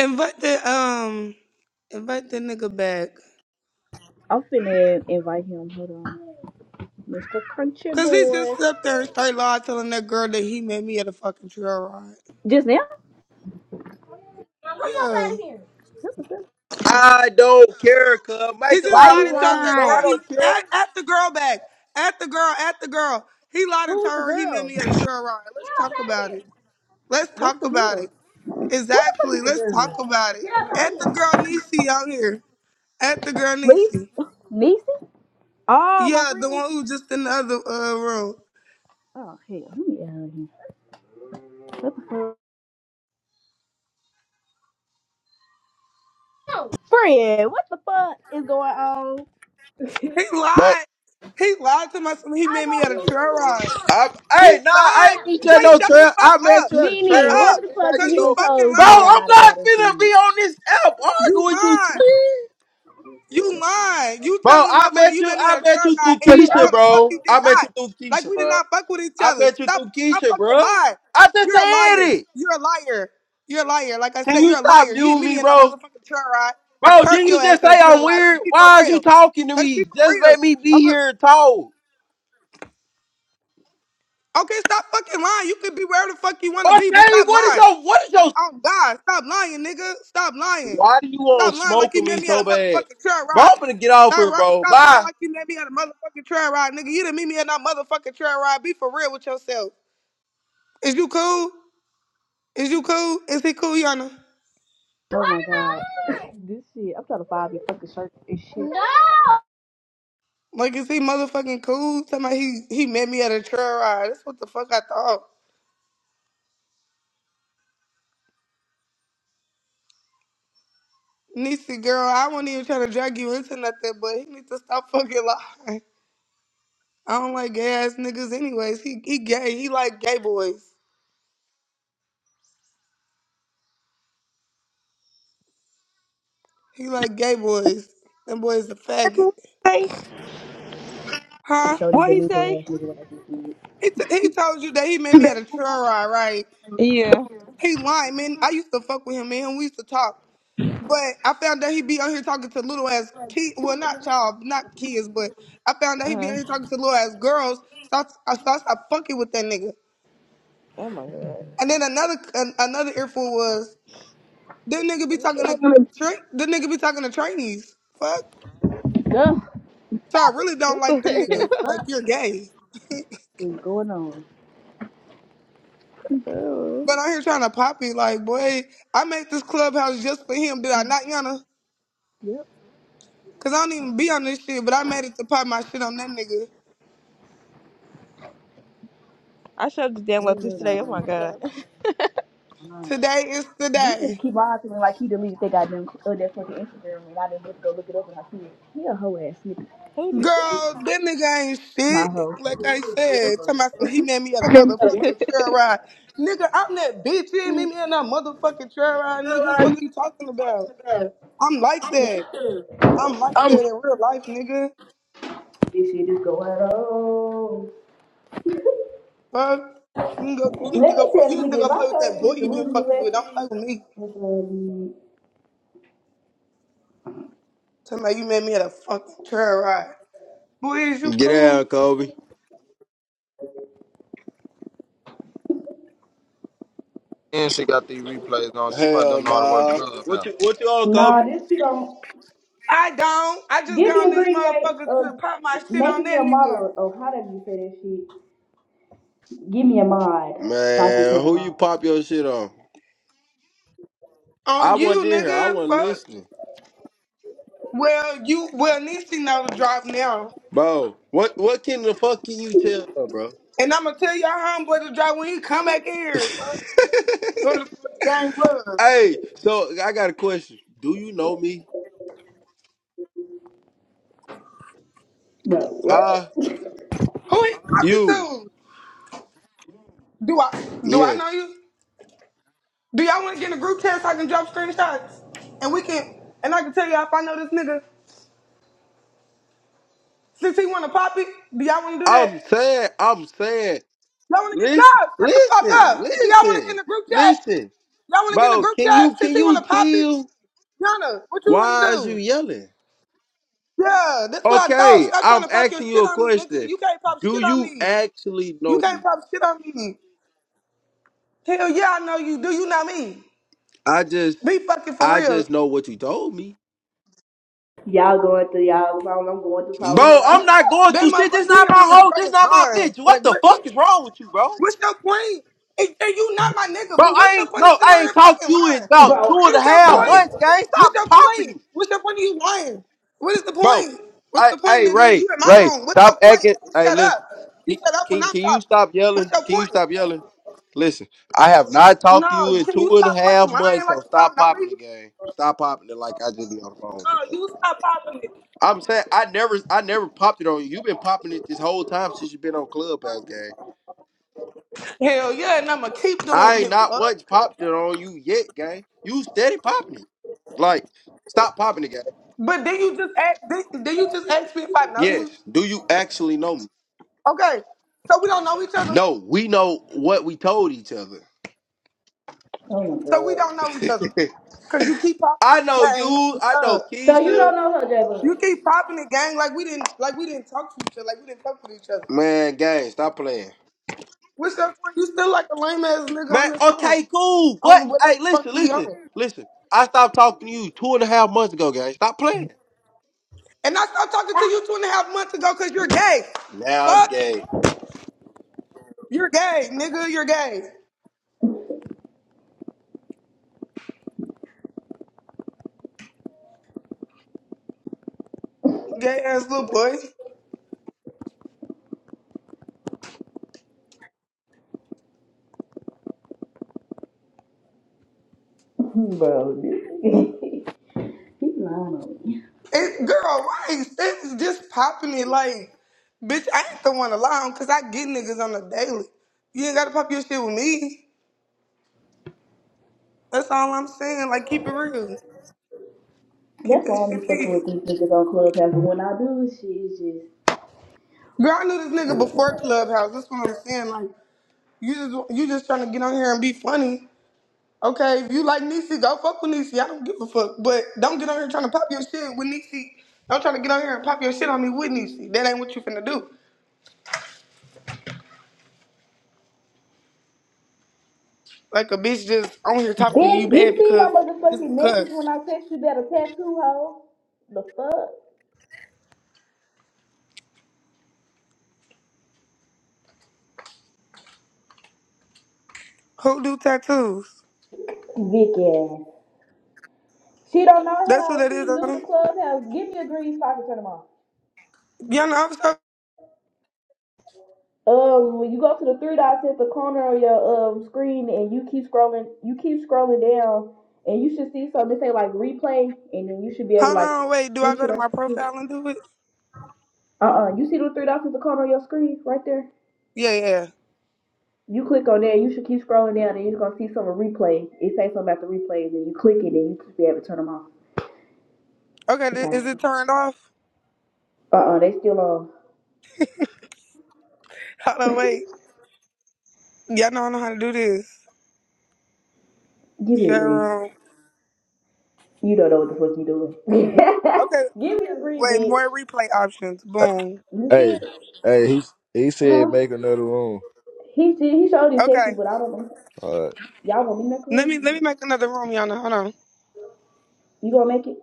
Invite the um, invite the nigga back. I'm finna invite him. Hold on. Mr. Crunchy Cause he Boy. just stood up there and straight lied telling that girl that he met me at a fucking trail ride. Just now? Now come up Yeah. That's the girl. I don't care, cuz. He Make a just Why lot of lied you and told rules, that bro. I girl lying? he don't care. at, at the girl back. At the girl, at the girl. He lied and Who's told the her he met girl? me at a trail ride. Get Let's up talk out of about here. it. Let's What's talk the about girl? it. Who the fuck Exactly. is the Let's girl? talk about it. Get up out of At here. the girl Nisi out here. At the girl Lee? Nisi. Niecy? Oh, my Yeah, the friend. one who just in the other uh, room. Oh, hell. Let me get out of here. What the fuck? No. Friend, what the fuck is going on? He But lied. He lied to my son. He I met me was at a trail listening ride. I, He hey, nah, I lied. ain't to meet you. you at Jay, no shut the trail. fuck I met up. you at a Shut Nene, trail ride. what up. the just Now fuck you Cause he you done know, fucking told bro. you a lying. I'm lot not about it, finna be dude? on this app You arguing with you, lying. twin. You lying. You Bro, telling the I motherfucker met you you. made me get I a met truck you ride through and nigga, Keisha, no the fuck bro. you did I met not. you through Like Keisha, we did bro. not fuck with each I other. met you Stop through stop Keisha, fucking bro. lying. I just You're a liar. said it. You're a liar. You're a liar. Like I Can said, you you're a stop liar. You didn't muting meet me, me in no bro? motherfucking truck ride. I Bro, curved didn't your you ass just at say a truck I'm ride. Let's weird? be for Why is you real. talking to Let's be me? for Just real. let me I'm be here and a- talk. Okay, stop fucking lying. You could be wherever the fuck you wanna be, but Okay, stop what is lying. your what is your Oh God, stop lying, nigga. Stop lying. Why do you Stop want to lying smoke like you with me met me at a so bad? motherfucking trail Bro, ride. I'm gonna get off Stop, here, ri- bro. stop lying Bye. like you met me at a motherfucking trail ride, nigga. You didn't meet me at no motherfucking trail ride. Be for real with yourself. Is you cool? Is you cool? Is he cool, Yana? Oh my god. This shit, I'm trying to find your fucking shirt and shit. No! Like, is he motherfucking cool? Somebody he he met me at a trail ride. That's what the fuck I thought. Niecy girl, I wasn't even trying to drag you into nothing, but he needs to stop fucking lying. I don't like gay ass niggas anyways. He he gay. He like gay boys. He like gay boys. Them boys a faggot. Hey, Huh? Show these what he delusional ass say? nigga what I just He, t- he told you that he met me did. at a trail ride, right? Yeah. He lying, man. I used to fuck with him, man. We used to talk. But I found that he be on here talking to little ass kids. Well, not child, not kids, but I found that he be on Uh, here talking to little ass girls. So I, I, so I stopped fucking with that nigga. oh my god. And then another an, another earful was, this nigga be talking to, tra- this nigga be talking to trainees. Fuck. Ugh. So I really don't What like the the The nigga. Like, you're gay. is going on. hell? But I'm here trying to pop it, like, boy, I made this clubhouse just for him, did I not, Yana? Yep. Cause I don't even be on this shit, but I made it to pop my shit on that nigga. I should have What downloaded is this going today. Oh on? my god. Uh, Today is the This nigga day. keep on to me like he deleted that goddamn uh, that fucking Instagram and I didn't look, go look it up and I see it. He a hoe ass nigga. Who Girl, that nigga ain't My shit. hoe. Like I said, talking about some, he met me at a Let me tell you, did? motherfucking trail ride. Nigga, I'm that bitch. You ain't meet me at no motherfucking trail ride, nigga. Fuck you talking about? I'm like that. I'm like that in real life, nigga. this shit is going on. Fuck. You, can go, you Let need to go. me fu- tell You this need to nigga, go if play I with tell that you boy this you been delusional fucking ass with. Don't shit, play with me. it's gonna be- Somebody, you met me at a fucking trail ride. Boy, is you Get cool? out, Kobe. And she got these replays on. She must have Hell done all the work nah. club What out. you what you on, Nah, Kobe? this shit don't. I don't. I just Give got me on a this green rate. motherfucker Uh, to pop my shit make on me that a nigga. model. Oh, how did you say that shit? Give me a mod. So I can Man, turn who them you off. pop your shit on? On I you, wasn't in here. I nigga. wasn't Fuck. listening. Well, you, well, Nisi know to drop now. Bro, What what can the fuck can you tell her, bro? And I'ma tell y'all homeboy to drop when he come back in here. Fuck. Who the fuck gang was? hey, so I got a question. Do you know me? Huh? Who he talking You. to? Do I, do I know Yes. you? Do y'all want to get in a group chat so I can drop screenshots? And we can, and I can tell y'all if I know this nigga. Since he want to pop it, do y'all want to do that? I'm saying, I'm saying, Y'all want to get no? listen, Shut the fuck listen, up. Do y'all want to get in listen, the group chat? listen. Y'all want to get in the Bro, group can you chat? Since can he want you to pop it, chill? Yana, what you want to Why is you do? yelling? Yeah, that's what I thought. Okay, Stop trying I'm to pop your asking you shit a on me, nigga. question. You can't pop shit Do on you me. actually You know can't me? pop shit on me. Hell yeah, I know you. Do you know me? I just Be fucking for I just real. know what you told me. Bro, I'm not going That through shit. This motherfucker, he not my over here hoe. This straight not my line. bitch. What Like the what? fuck is wrong with you, bro? What's your point? And, and you not my nigga, Bro, but what's I your ain't point in bro, sitting out I here ain't talked fucking to you in lying? about Bro. two What and a is your half point? months, gang. What's Stop your popping point? it. What's your point of you lying? What is the bro. point? What's I, the point, hey, nigga? Ray, You in my Ray, room. What's stop your point? acting. You Hey, shut up. listen. You He, shut up when can I'm can you talking. stop What's yelling? your Can you point? stop yelling? Listen, I have not talked to you No, in can two you and a stop fucking half lying months, like so you stop don't know me? popping the game. Stop popping it like I just be on the phone. with No, you. you stop popping it. I'm saying I never, I never popped it on you. You've been popping it this whole time since you've been on Clubhouse, gang. Hell yeah, and I'ma keep doing I ain't it, not fuck. once popped it on you yet, gang. You steady popping it. Like, stop popping it, gang. But then you just ask, then, then you just ask me if I know Yes. you. Do you actually know me? Okay, so we don't know each other. No. We know what we told each other. Oh my So we god. don't know each other. Cause you keep popping I the know gang. you. What's I know up? So you Keisha. don't know her, J You Bud. keep popping the gang like we didn't like we didn't talk to each other, like we didn't fuck with each other. Man, gang, stop playing. What's up for you still like a lame ass nigga on Man, this phone. okay, cool. What? On whatever Hey, the fuck listen, we listen, on. listen. I stopped talking to you two and a half months ago, gang. Stop playing. And I stopped talking to you two and a half months ago because you're gay. Now I'm Fuck. gay. You're gay, nigga, you're gay. Gay ass little boy. Bro. dude. He's lying on me. For It, real. girl, right, it's just popping it like bitch, I ain't the one alone because I get niggas on the daily. You ain't gotta pop your shit with me. That's all I'm saying. Like, keep it real. Keep That's why that I don't be shit fucking peace. with these niggas on Clubhouse. But when I do, shit is just. Girl, I knew this nigga before Clubhouse. That's what I'm saying. Like, you just you just trying to get on here and be funny. Okay, if you like Niecy, go fuck with Niecy. I don't give a fuck. But don't get on here trying to pop your shit with Niecy. Don't try to get on here and pop your shit on me with Niecy. That ain't what you finna do. Like a bitch just on here talking to you Bitch, bad you see my because just motherfucking message because. when I text you that a tattoo hoe? The fuck? Who do tattoos? Vicky ass. She don't know That's who how. that She is. knew the Adam. clubhouse. Give me a green so I can turn them off. Y'all know. I'm so- Um, when you go to the three dots at the corner of your um screen, and you keep scrolling, you keep scrolling down, and you should see something that say like replay, and then you should be able to Hold like on, wait. Do I switch go it to on. my profile and do it? Uh, uh you see the three dots at the corner of your screen right there. Yeah, yeah. You click on there, you should keep scrolling down, and you're gonna see some replay. It say something about the replays, and you click it, and you should be able to turn them off. Okay, It's thi- like, is it turned off? uh, uh they still on. Hold on, wait. Y'all know I know how to do this. Give me a green. Cheryl. You don't know what the fuck you doing. Okay, Give me a green, wait, bitch. more replay options. Boom. You see? Hey, it? hey, he he said Huh? make another room. He he showed his texting, Okay. but I don't know. All right. Y'all want me to make a Let me let room? me make another room, y'all know. Hold on. You gonna make it?